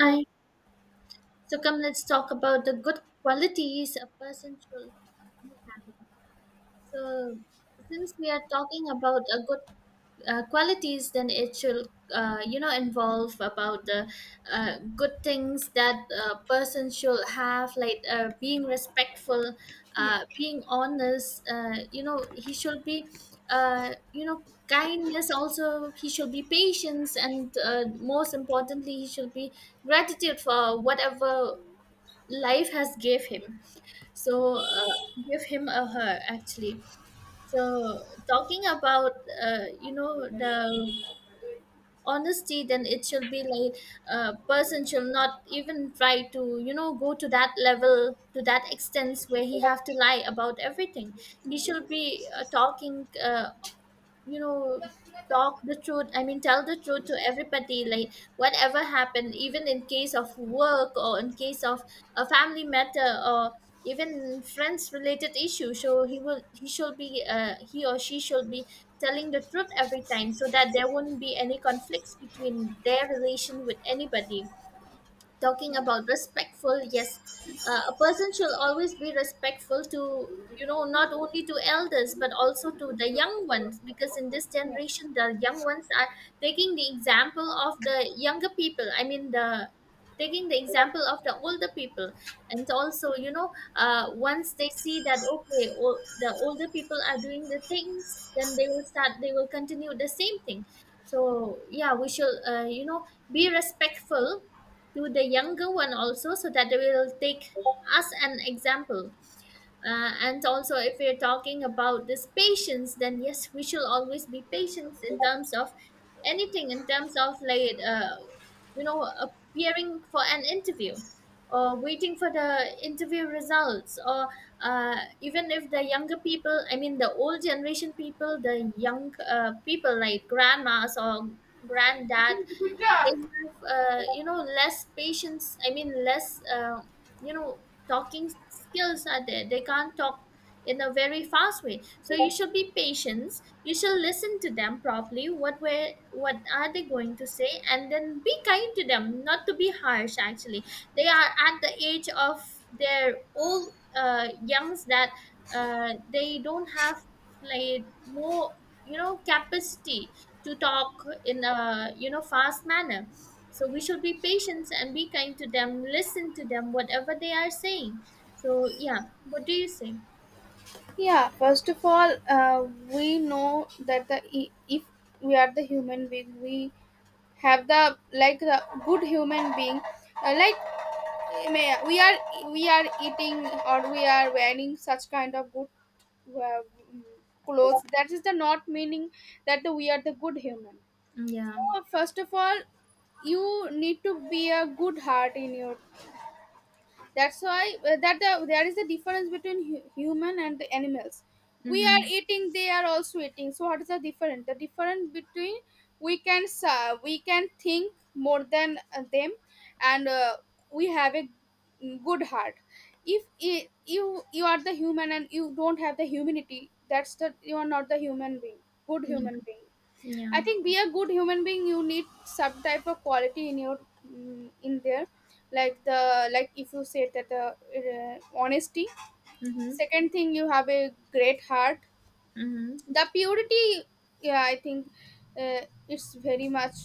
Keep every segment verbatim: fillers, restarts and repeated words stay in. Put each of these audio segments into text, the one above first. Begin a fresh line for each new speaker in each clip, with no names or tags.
Yeah,
So come, let's talk about the good qualities a person should. So since we are talking about a good uh, qualities, then it should uh, you know involve about the uh, good things that a person should have, like uh, being respectful,
yeah,
uh, being honest. Uh, you know, he should be uh, you know kindness, also he should be patience, and uh, most importantly he should be gratitude for whatever life has gave him. so uh, Give him, a her actually. So, talking about uh, you know the honesty, then it should be like a person should not even try to you know go to that level, to that extent where he have to lie about everything. He should be
yeah,
uh, talking, uh, you know talk the truth, I mean, tell the truth to everybody, like whatever happened, even in case of work, or in case of a family matter, or even friends related issue. So he will he should be uh, he or she should be telling the truth every time, so that there won't be any conflicts between their relation with anybody. Talking
yeah,
about respectful, yes, uh, a person should always be respectful to, you know not only to elders but also to the young ones, because in this generation the young ones are taking the example of the younger people, I mean, the taking the example of the older people. And also, you know uh, once they see that, okay, o- the older people are doing the things, then they will start they will continue the same thing. So yeah, we should uh, you know be respectful to the younger one also, so that they will take us an example. Uh, and also, if we're talking about this patience, then yes, we should always be patient in terms of anything, in terms of, like, uh, you know appearing for an interview, or waiting for the interview results, or uh, even if the younger people, I mean, the old generation people, the young uh, people like grandmas or granddad, they
yeah.
have, uh, you know less patience, I mean, less uh, you know talking skills are there, they can't talk in a very fast way. So you should be patient, you should listen to them properly, what were, what are they going to say, and then be kind to them, not to be harsh actually. They are at the age of their old uh, youngs, that uh, they don't have, like, more, you know capacity to talk in a, you know fast manner. So we should be patient and be kind to them, listen to them whatever they are saying. So yeah, what do you say?
Yeah, first of all, uh, we know that the i- if we are the human being, we have the like the good human being, uh, like may- we are we are eating, or we are wearing such kind of good uh, clothes. That is the not meaning that we are the good human.
Yeah.
So first of all, you need to be a good heart in your, that's why uh, that the, there is a difference between hu- human and the animals. We are
Mm-hmm.
eating, they are also eating, so what is the difference? The difference between, we can uh, we can think more than uh, them, and uh, we have a good heart. If i- you you are the human and you don't have the humanity, that's the you are not the human being, good
Yeah,
human being.
yeah.
I think, be a good human being, you need some type of quality in your, mm, in there, like the, like if you say that uh, uh, honesty.
Mm-hmm.
Second thing, you have a great heart.
Mm-hmm.
The purity, yeah, I think uh, it's very much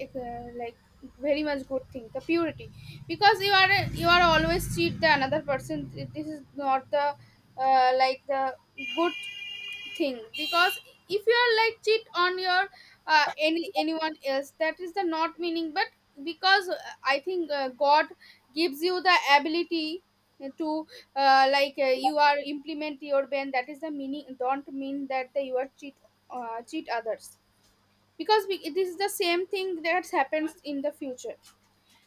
uh, like very much good thing. The purity, because you are you are always cheat the another person. This is not the uh, like the good thing. Because if you are like cheat on your uh, any anyone else, that is the not meaning. But because uh, I think uh, God gives you the ability to uh, like uh, you are implement your ban, that is the meaning, don't mean that the, you are cheat uh, cheat others. Because we, it is the same thing that happens in the future.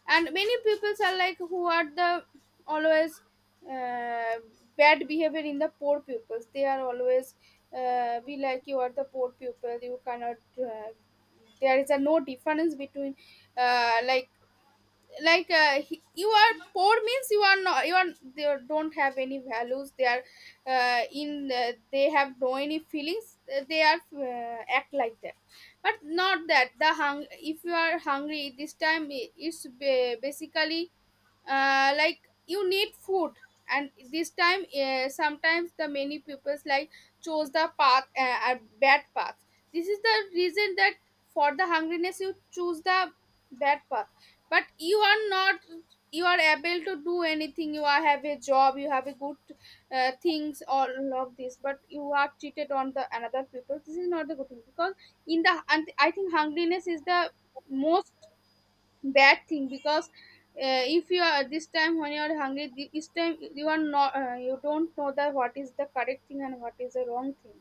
And many pupils are like, who are the always uh, bad behavior in the poor pupils, they are always uh, be like, you are the poor pupil, you cannot uh, there is a no difference between uh, like like uh, he- you are poor means you are not, you are, they don't have any values, they are uh, in uh, they have no any feelings, uh, they are uh, act like that. But not that the hung, if you are hungry this time, i- it's ba- basically uh, like you need food. And this time, uh, sometimes the many peoples like chose the path, uh, a bad path. This is the reason that, for the hungriness you choose the bad path. But you are not, you are able to do anything, you are have a job, you have a good uh, things, all of this, but you are cheated on the another people. This is not the good thing, because in the, and I think hungriness is the most bad thing. Because uh, if you are this time when you are hungry, thi- this time you are not uh, you don't know the what is the correct thing and what is the wrong thing.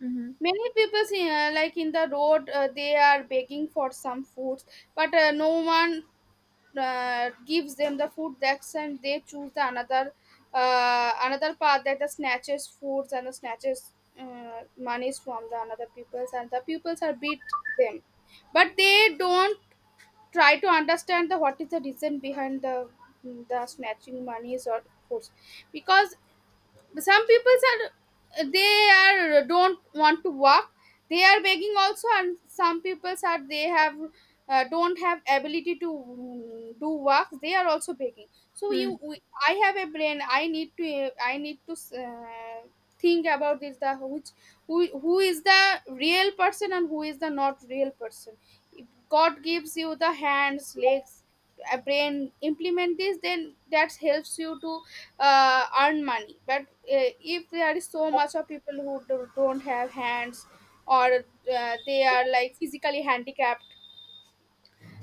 Mm-hmm.
Many people see, uh, like in the road, uh, they are begging for some foods. But uh, no one uh, gives them the food, that's, and they choose the another uh, another path, that the snatches foods and the snatches uh, monies from the another peoples, and the pupils are beat them. But they don't try to understand the what is the reason behind the the snatching monies or foods. Because, but some people are, they are don't want to walk. They are begging also. And some people are, they have uh, don't have ability to, mm, do work. They are also begging. So
Hmm.
you, we, I have a brain, I need to uh, I need to uh, think about this. The which, who who is the real person and who is the not real person. If God gives you the hands, legs, a brain, implement this, then that helps you to uh, earn money. But uh, if there is so much of people who do, don't have hands or uh, they are like physically handicapped,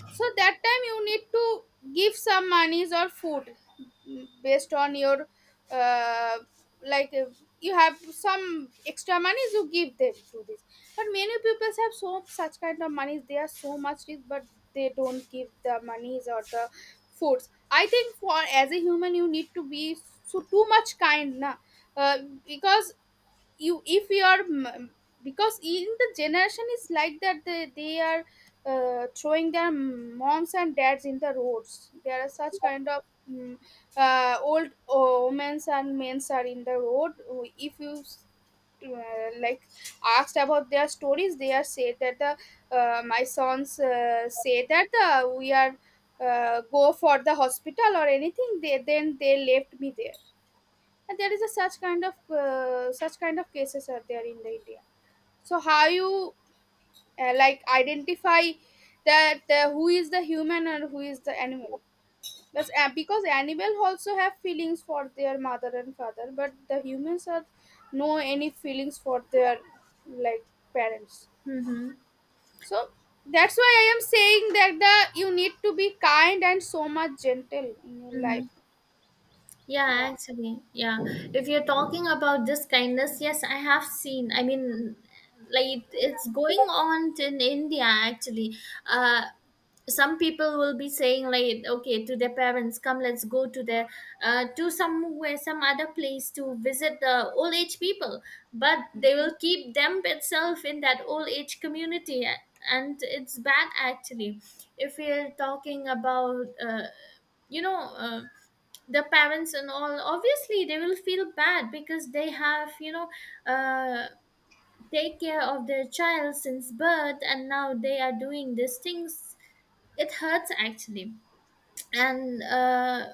so that time you need to give some monies or food, mm, based on your uh, like, if you have some extra monies, you give them to this. But many people have so such kind of monies, they are so much rich, but they don't give the monies or the foods. I think, for as a human, you need to be so too much kind, na. uh, because you, if you are m- because in the generation is like that, they, they are uh, throwing their moms and dads in the roads. There are such kind of, mm, uh, old uh, women's and men's are in the road. If you uh, like asked about their stories, they are said that the uh, my sons uh, say that the we are uh, go for the hospital or anything, they then they left me there. And there is a such kind of uh, such kind of cases are there in the India. So how you uh, like identify that uh, who is the human and who is the animal? But uh, because animal also have feelings for their mother and father, but the humans are no any feelings for their, like, parents.
Mm-hmm.
So that's why I am saying that the you need to be kind and so much gentle in your life.
Mm-hmm. Yeah,
Yeah,
actually, yeah, if you're talking about this kindness, yes, I have seen, I mean, like, it's going on in India actually. uh some people will be saying like, okay, to their parents, come, let's go to the, uh, to somewhere, some other place, to visit the old age people, but they will keep them itself in that old age community. A- and it's bad actually. If we're talking about uh, you know uh, the parents and all, obviously they will feel bad, because they have, you know uh, take care of their child since birth and now they are doing these things. It hurts actually. And uh,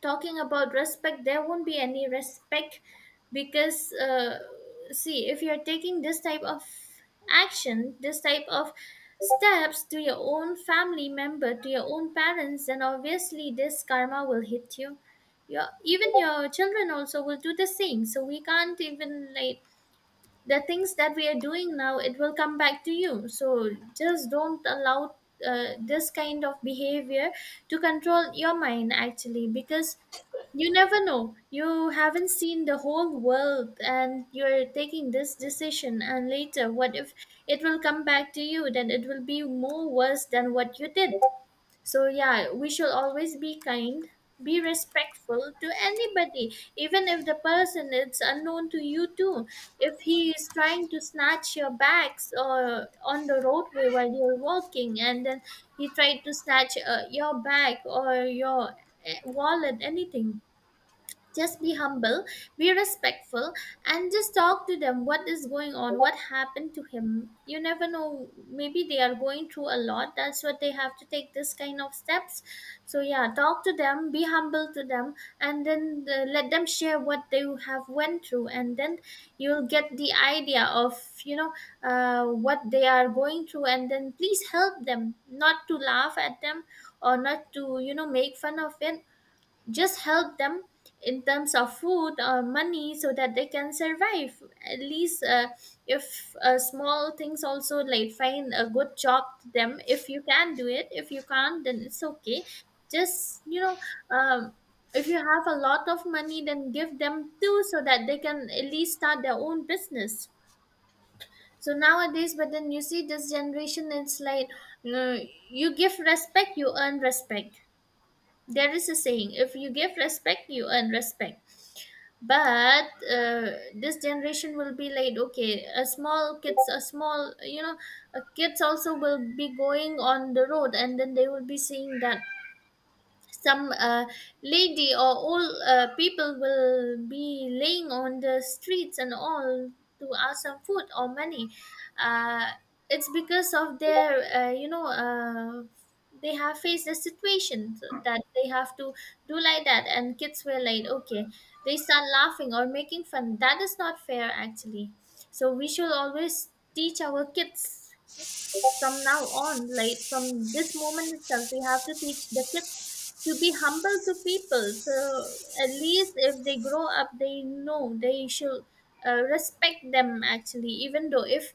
talking about respect, there won't be any respect, because uh, see, if you're taking this type of action, this type of steps to your own family member, to your own parents, then obviously this karma will hit you. Your, even your children also will do the same, so we can't even like, the things that we are doing now, it will come back to you. So just don't allow uh, this kind of behavior to control your mind actually, because you never know, you haven't seen the whole world and you're taking this decision, and later what if it will come back to you? Then it will be more worse than what you did. So yeah, we should always be kind, be respectful to anybody, even if the person is unknown to you too. If he is trying to snatch your bags, or on the roadway while you're walking, and then he tried to snatch uh, your bag or your uh, wallet, anything, just be humble, be respectful, and just talk to them, what is going on, what happened to him. You never know, maybe they are going through a lot, that's what they have to take this kind of steps. So yeah, talk to them, be humble to them, and then uh, let them share what they have went through, and then you'll get the idea of, you know uh, what they are going through, and then please help them, not to laugh at them, or not to, you know make fun of it. Just help them in terms of food or money, so that they can survive, at least. Uh, if uh, small things also, like find a good job to them, if you can do it, if you can't, then it's okay. Just, you know um, if you have a lot of money, then give them too, so that they can at least start their own business. So nowadays, but then you see this generation, it's like, you know, you give respect, you earn respect. There is a saying, if you give respect, you earn respect. But uh, this generation will be like, okay, a small kids, a small, you know, uh, kids also will be going on the road, and then they will be seeing that some uh, lady or old uh, people will be laying on the streets and all, to ask some food or money. uh, it's because of their, uh, you know uh, they have faced a situation that they have to do like that, and kids were like, okay, they start laughing or making fun. That is not fair actually. So we should always teach our kids from now on, like from this moment itself, we have to teach the kids to be humble to people. So at least if they grow up, they know they should uh, respect them actually. Even though if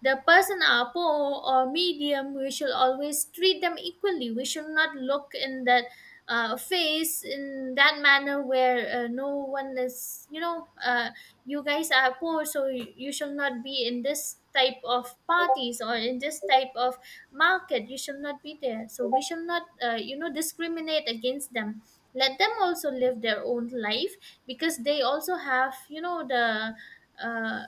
the person are poor or medium, we should always treat them equally. We should not look in that uh, face in that manner where uh, no one is, you know uh, you guys are poor, so you, you should not be in this type of parties or in this type of market, you shall not be there. So we shall not uh, you know discriminate against them. Let them also live their own life, because they also have, you know the uh,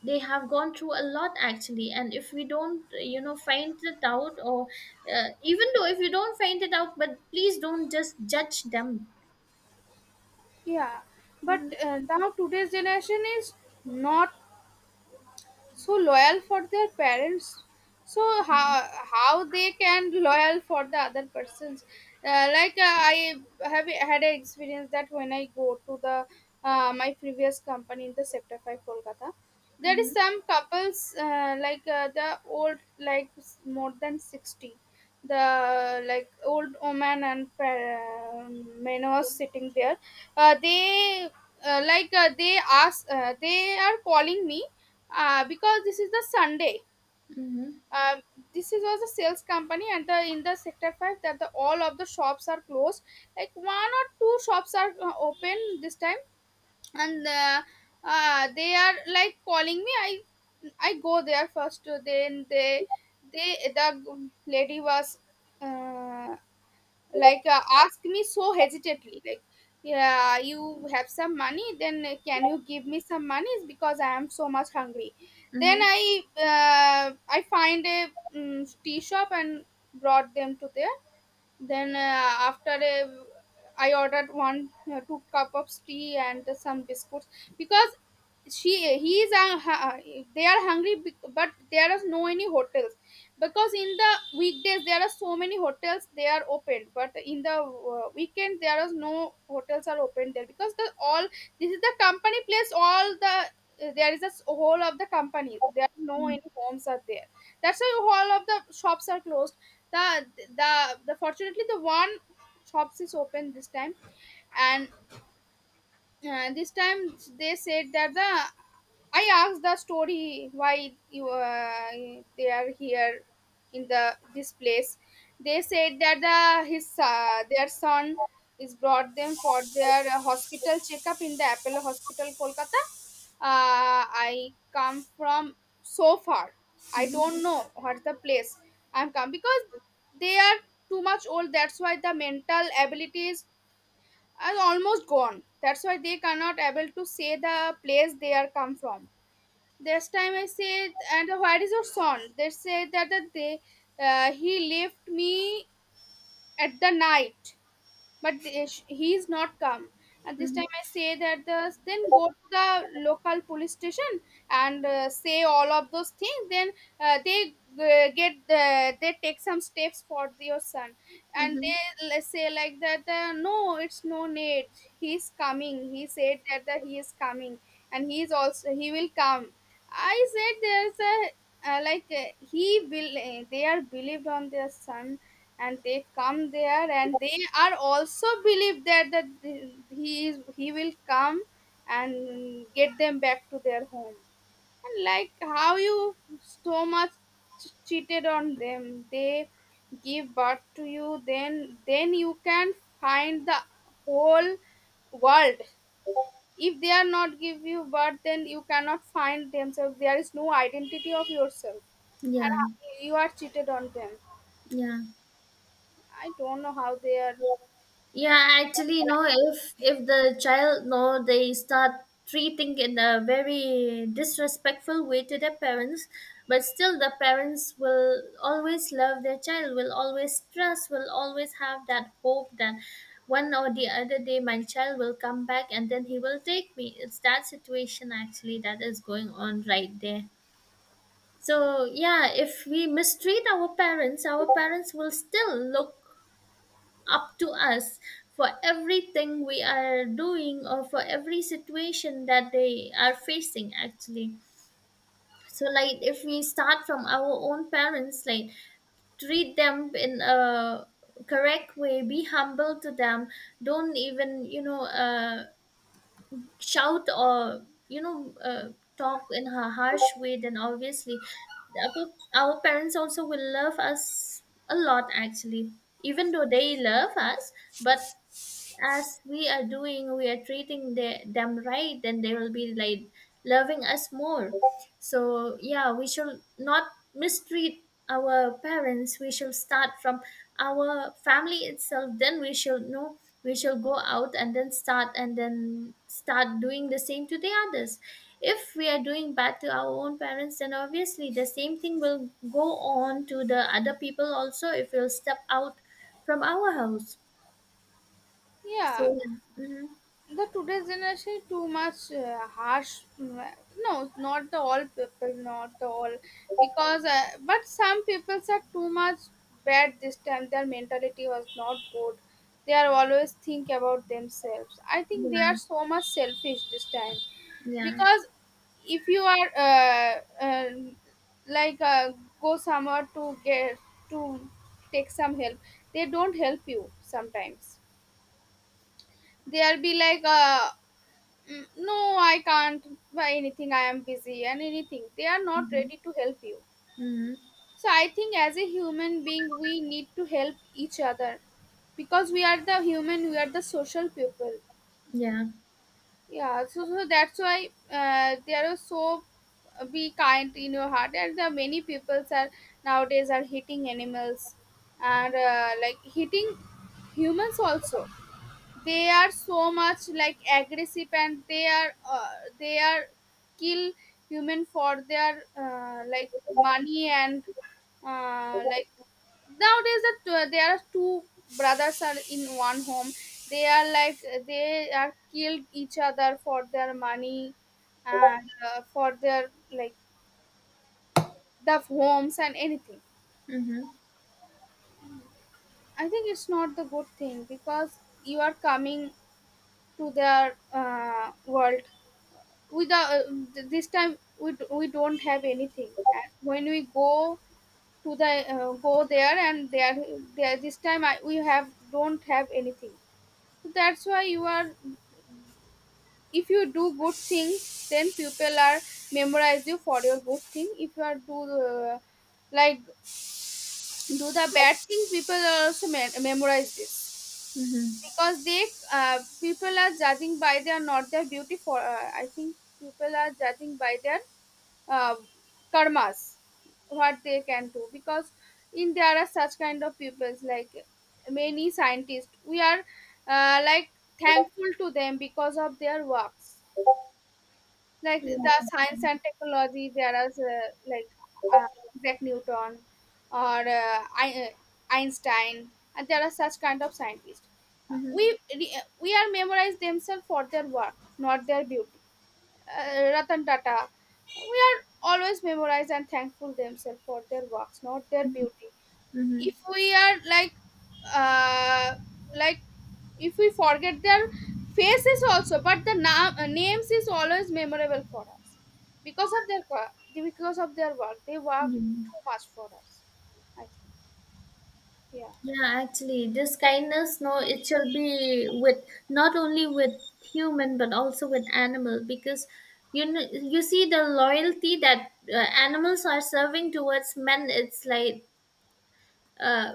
they have gone through a lot actually. And if we don't uh, you know find it out, or uh, even though if you don't find it out, but please don't just judge them.
yeah. But
Mhm.
uh, now today's generation is not so loyal for their parents. So how how they can loyal for the other persons? uh, like uh, I have had an experience that when I go to the uh, my previous company in the sector five Kolkata, there is
Mhm.
some couples, uh, like uh, the old, like s- more than sixty, the like old woman and uh, men was sitting there. uh, they uh, like uh, they ask, uh, they are calling me, uh, because this is the Sunday.
Mhm.
Um, this is was a sales company, and the in the sector five that the all of the shops are closed. Like one or two shops are uh, open this time. And uh, uh, they are like calling me. I I go there first. Then they they the lady was uh, like uh, asked me so hesitantly like, yeah you have some money, then uh, can you give me some money, because I am so much hungry. Then
Mhm.
I, uh, I find a, mm, tea shop and brought them to there. Then uh, after a, I ordered one, uh, two cup of tea and some biscuits, because she he is uh, hu- they are hungry, bec- but there are no any hotels. Because in the weekdays there are so many hotels they are open, but in the uh, weekend there are no hotels are open there, because the all this is the company place, all the uh, there is a s- whole of the company, there are no any homes are there. That's why all of the shops are closed. The the the fortunately the one shops is open this time. And uh, this time they said that the, I asked the story, why you uh, they are here in the this place. They said that the his uh, their son is brought them for their uh, hospital checkup in the Apollo hospital Kolkata. uh, I come from so far, I
Mhm.
don't know what's the place, I'm come. Because they are too much old, that's why the mental abilities are almost gone. That's why they cannot able to say the place they are come from. This time I said, and where is your son? They say that, that they uh, he left me at the night, but they- sh- he is not come. At this
Mhm.
time I say that the then go to the local police station and uh, say all of those things, then uh, they uh, get uh, they take some steps for your son. And
Mhm.
they let say like that uh, no, it's no need, he's coming, he said that the, he is coming and he is also he will come. I said there's a uh, like uh, he will uh, they are believed on their son, and they come there, and they are also believe that that he is he will come and get them back to their home. And like how you so much cheated on them, they give birth to you, then then you can find the whole world. If they are not give you birth, then you cannot find themselves, there is no identity of yourself.
Yeah,
And you are cheated on them.
yeah.
I don't know how they are.
Yeah, actually, you know, if if the child know, they start treating in a very disrespectful way to their parents, but still the parents will always love their child, will always trust, will always have that hope that one or the other day my child will come back and then he will take me. It's that situation actually that is going on right there. So yeah, if we mistreat our parents, our parents will still look up to us for everything we are doing, or for every situation that they are facing actually. So like, if we start from our own parents, like treat them in a correct way, be humble to them, don't even, you know uh, shout, or, you know uh, talk in a harsh way, then obviously our our parents also will love us a lot actually. Even though they love us, but as we are doing, we are treating the, them right, then they will be like loving us more. So yeah, we should not mistreat our parents. We should start from our family itself. Then we should know, we shall go out and then start and then start doing the same to the others. If we are doing bad to our own parents, then obviously the same thing will go on to the other people also, if we'll step out from our house. So,
Yeah,
yeah. Mhm.
the today's generation too much uh, harsh. Mm, no, not the all people, not the all, because uh, but some people are too much bad this time. Their mentality was not good. They are always think about themselves. I think they are
Yeah,
so much selfish this time,
yeah.
because if you are uh, uh, like uh, go somewhere to get to take some help, they don't help you sometimes. They'll be like, uh, "Mm, no, I can't buy anything. I am busy and anything. They are not
Mhm.
ready to help you.
Mhm.
So I think as a human being, we need to help each other because we are the human. We are the social people.
Yeah.
Yeah. So, so that's why uh, they are so uh, be kind in your heart. And there are many people are nowadays are hitting animals and uh, like hitting humans also they are so much like aggressive and they are uh, they are kill human for their uh, like money and uh, like nowadays that uh, there are two brothers are in one home they are like they are killed each other for their money and uh, for their like the homes and anything.
Mhm.
I think it's not the good thing because you are coming to their uh, world with the uh, th- this time we, d- we don't have anything and when we go to the uh, go there and there there this time I, we have don't have anything so that's why you are if you do good things then people are memorize you for your good thing if you are do uh, like do the bad things people are also me- memorize this
Mhm.
because they uh, people are judging by their not their beauty for uh, I think people are judging by their uh, karmas what they can do because in there are such kind of pupils like many scientists we are uh, like thankful to them because of their works like
Yeah.
the science and technology there are uh, like uh, Isaac Newton or uh, Ein- Einstein and there are such kind of scientists. Uh, we
Mhm.
re- we are memorized themselves for their work, not their beauty. uh, Ratan Tata. We are always memorized and thankful themselves for their works, not their
Mhm.
beauty.
Mhm.
If we are like, uh, like, if we forget their faces also, but the na- uh, names is always memorable for us because of their qua- because of their work. They work
Yeah.
too much for us. I think. Yeah.
Yeah, actually, this kindness, no, it shall be with not only with human but also with animal, because you know, you see the loyalty that uh, animals are serving towards men. It's like uh,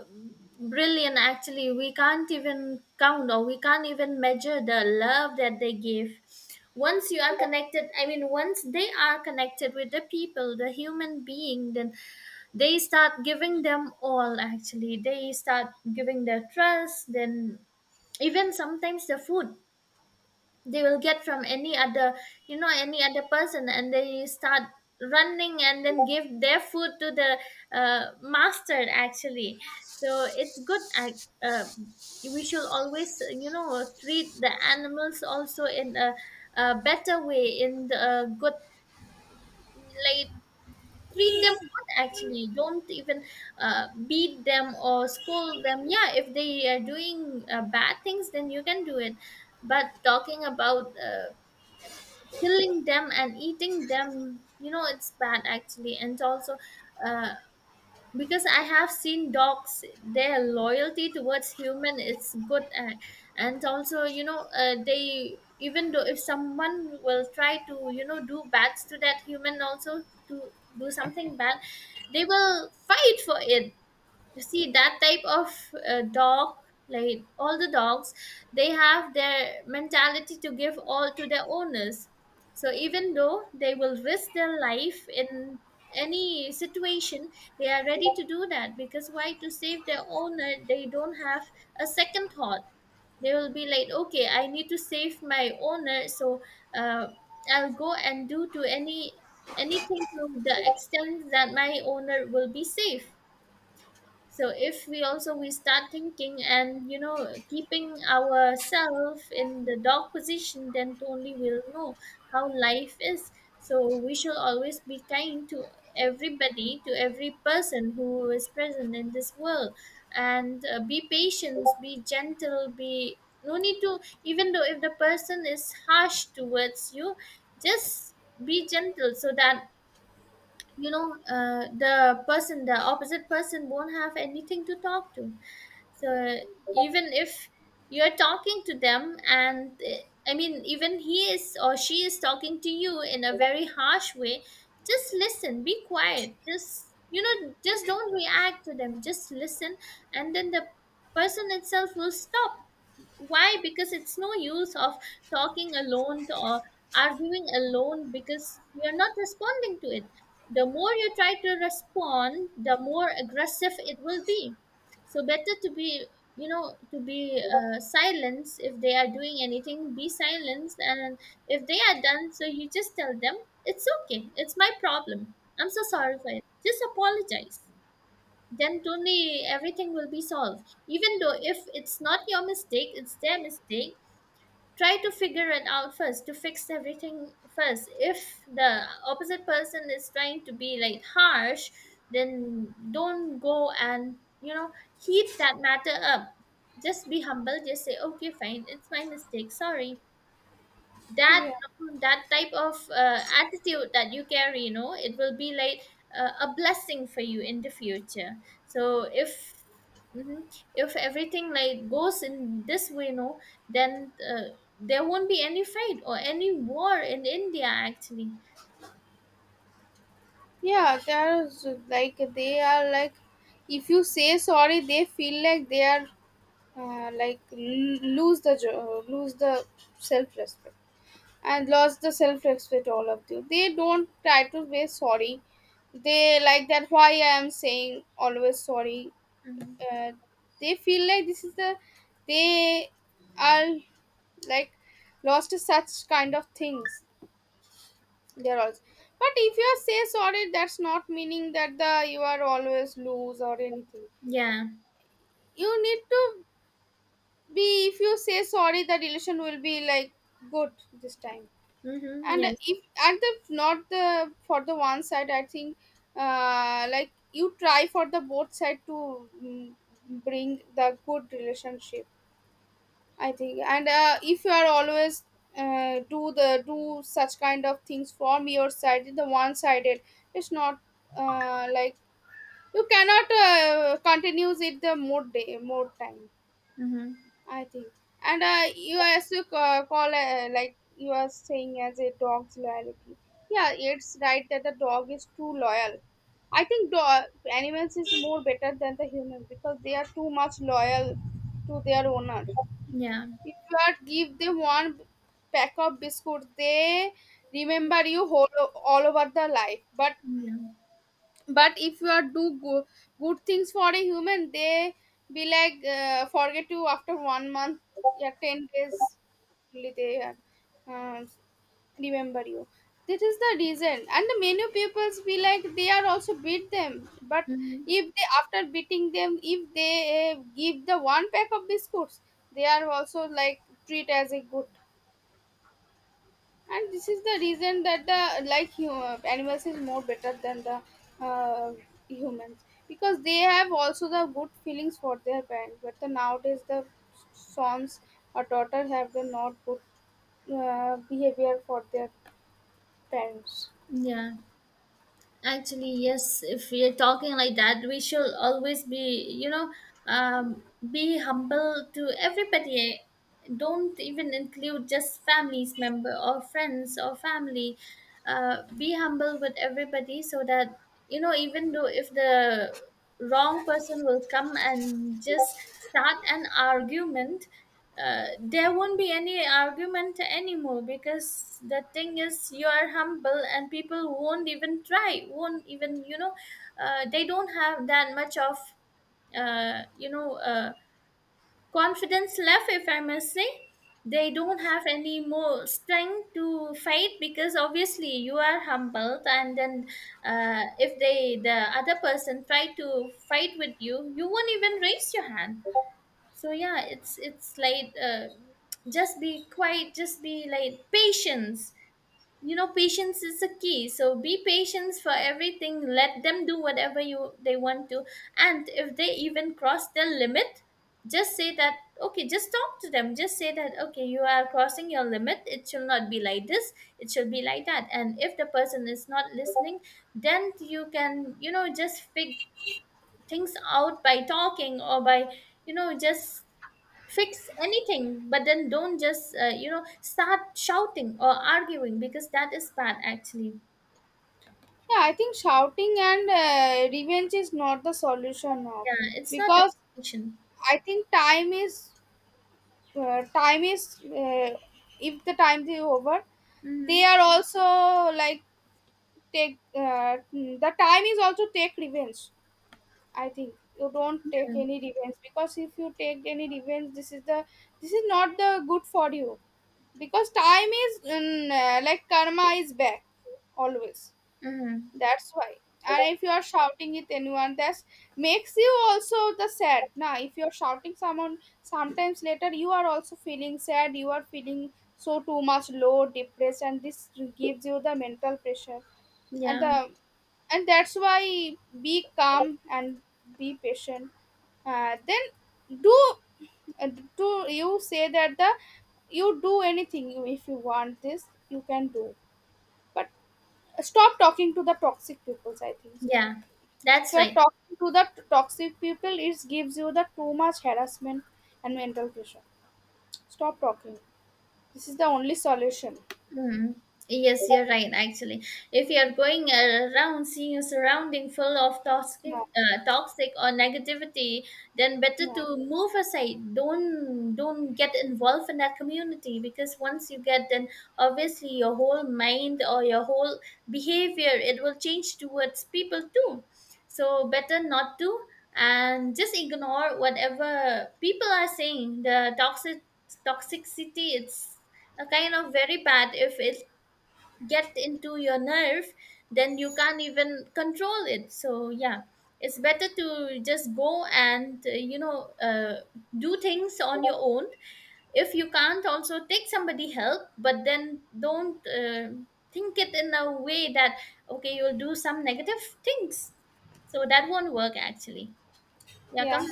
brilliant actually. We can't even count or we can't even measure the love that they give. Once you are connected, i mean once they are connected with the people, the human being, then they start giving them all actually. They start giving their trust, then even sometimes the food they will get from any other, you know, any other person, and they start running and then give their food to the uh, master actually. So it's good. I- uh, we should always, you know, treat the animals also in a, a better way, in the uh, good, like, treat them good actually. Don't even uh, beat them or scold them, yeah, if they are doing uh, bad things then you can do it. But talking about uh, killing them and eating them, you know, it's bad actually. And also uh, because I have seen dogs, their loyalty towards human is good. Uh, and also, you know, uh, they, even though if someone will try to, you know, do bad to that human also, to do something bad, they will fight for it. You see that type of uh, dog, like, all the dogs, they have their mentality to give all to their owners. So even though they will risk their life in any situation, they are ready to do that. Because why? To save their owner. They don't have a second thought. They will be like, okay, I need to save my owner. So uh, I'll go and do to any, anything, to the extent that my owner will be safe. So if we also, we start thinking and, you know, keeping ourselves in the dog position, then only we'll know how life is. So we shall always be kind to everybody, to every person who is present in this world. And uh, be patient, be gentle, be, no need to, even though if the person is harsh towards you, just be gentle so that, you know, uh, the person, the opposite person won't have anything to talk to. So even if you're talking to them, and uh, i mean even he is or she is talking to you in a very harsh way, just listen, be quiet, just, you know, just don't react to them, just listen. And then the person itself will stop. Why? Because it's no use of talking alone or arguing alone, because you're not responding to it. The more you try to respond, the more aggressive it will be. So better to be, you know, to be uh, silenced. If they are doing anything, be silenced. And if they are done, so you just tell them, it's okay, it's my problem, I'm so sorry for it, just apologize. Then only everything will be solved. Even though if it's not your mistake, it's their mistake, try to figure it out first, to fix everything first. If the opposite person is trying to be like harsh, then don't go and, you know, heat that matter up. Just be humble, just say, okay, fine, it's my mistake, sorry that,
Yeah.
no, that type of uh, attitude that you carry, you know, it will be like uh, a blessing for you in the future. So if, mhm, if everything like goes in this way, no, then uh, there won't be any fight or any war in India actually.
Yeah. They are s- like they are like. If you say sorry, they feel like they are uh, like l- lose the jo- lose the self respect and lost the self respect all of you they don't try to be sorry they like that why I am saying always sorry
Hmm.
uh, they feel like this is the they are like lost to such kind of things they're also but if you say sorry that's not meaning that the you are always lose or anything
Yeah.
you need to be if you say sorry the relation will be like good this time.
Mm-hmm.
and
Yes.
if and if not the for the one side I think uh like you try for the both side to mm, bring the good relationship I think and uh, if you are always uh, do the do such kind of things from your side the one sided it's not uh, like you cannot uh, continues it the more day more time.
Mm-hmm.
I think. And uh, you also ca- call uh, like you are saying as a dog's loyalty. Yeah, it's right that the dog is too loyal. I think dog animals is more better than the human because they are too much loyal to their owner.
Yeah.
If you are give them one pack of biscuits, they remember you whole all over the life. But
Yeah.
but if you are do go- good things for a human they be like uh, forget you after one month, yeah, 10 days only they are, um remember you. That is the reason and the many peoples be like they are also beat them but
Mm-hmm.
if they after beating them if they uh, give the one pack of biscuits they are also like treat as a good. And this is the reason that the like hu- animals is more better than the uh, humans because they have also the good feelings for their parents but the nowadays the sons or daughters have the not good uh, behavior for their parents.
Yeah. Actually, yes, if we are talking like that, we should always be, you know, um, be humble to everybody. Don't even include just families member or friends or family. Uh, be humble with everybody so that, you know, even though if the wrong person will come and just start an argument, uh, there won't be any argument anymore, because the thing is you are humble and people won't even try, won't even, you know, uh, they don't have that much of uh, you know uh, confidence left, if I must say. They don't have any more strength to fight, because obviously you are humbled, and then uh, if they, the other person try to fight with you, you won't even raise your hand. So yeah, it's it's like uh, just be quiet, just be like patience. You know, patience is a key, so be patient for everything, let them do whatever you they want to. And if they even cross their limit, just say that, okay, just talk to them, just say that, okay, you are crossing your limit, it should not be like this, it should be like that. And if the person is not listening, then you can, you know, just fig things out by talking, or by, you know, just fix anything. But then don't just uh, you know, start shouting or arguing, because that is bad actually.
Yeah, I think shouting and uh, revenge is not the solution now
Yeah, it's not a
because
solution.
I think time is uh, time is uh, if the time is over they
Mm-hmm.
are also like take uh, mm, the time is also take revenge I think you don't take
Yeah.
any revenge because if you take any revenge this is the this is not the good for you because time is mm, uh, like karma is back always.
Mm-hmm.
That's why. And if you are shouting with anyone, that makes you also the sad. Now, if you are shouting someone, sometimes later you are also feeling sad. You are feeling so too much low, depressed, and this gives you the mental pressure. And
Yeah.
the and that's why be calm and be patient. Uh, then do uh, do you say that the you do anything you- if you want this you can do but stop talking to the toxic pupils I think.
Yeah,
If
that's
you are
right.
talking to the t- toxic people it gives you the too much harassment and mental pressure. Stop talking. This is the only solution.
Hmm. Yes, you're right. Actually, if you're going around seeing a surrounding full of toxic,
Yeah.
uh, toxic or negativity, then better to
Yeah.
move aside. Don't don't get involved in that community, because once you get, then obviously your whole mind or your whole behavior, it will change towards people too. So better not to, and just ignore whatever people are saying. The toxic toxicity, it's a kind of very bad, if it gets into your nerve, then you can't even control it. So yeah, it's better to just go and uh, you know uh, do things on your own. If you can't, also take somebody help, but then don't uh, think it in a way that, okay, you'll do some negative things, so that won't work actually. Yeah, come.
Yeah.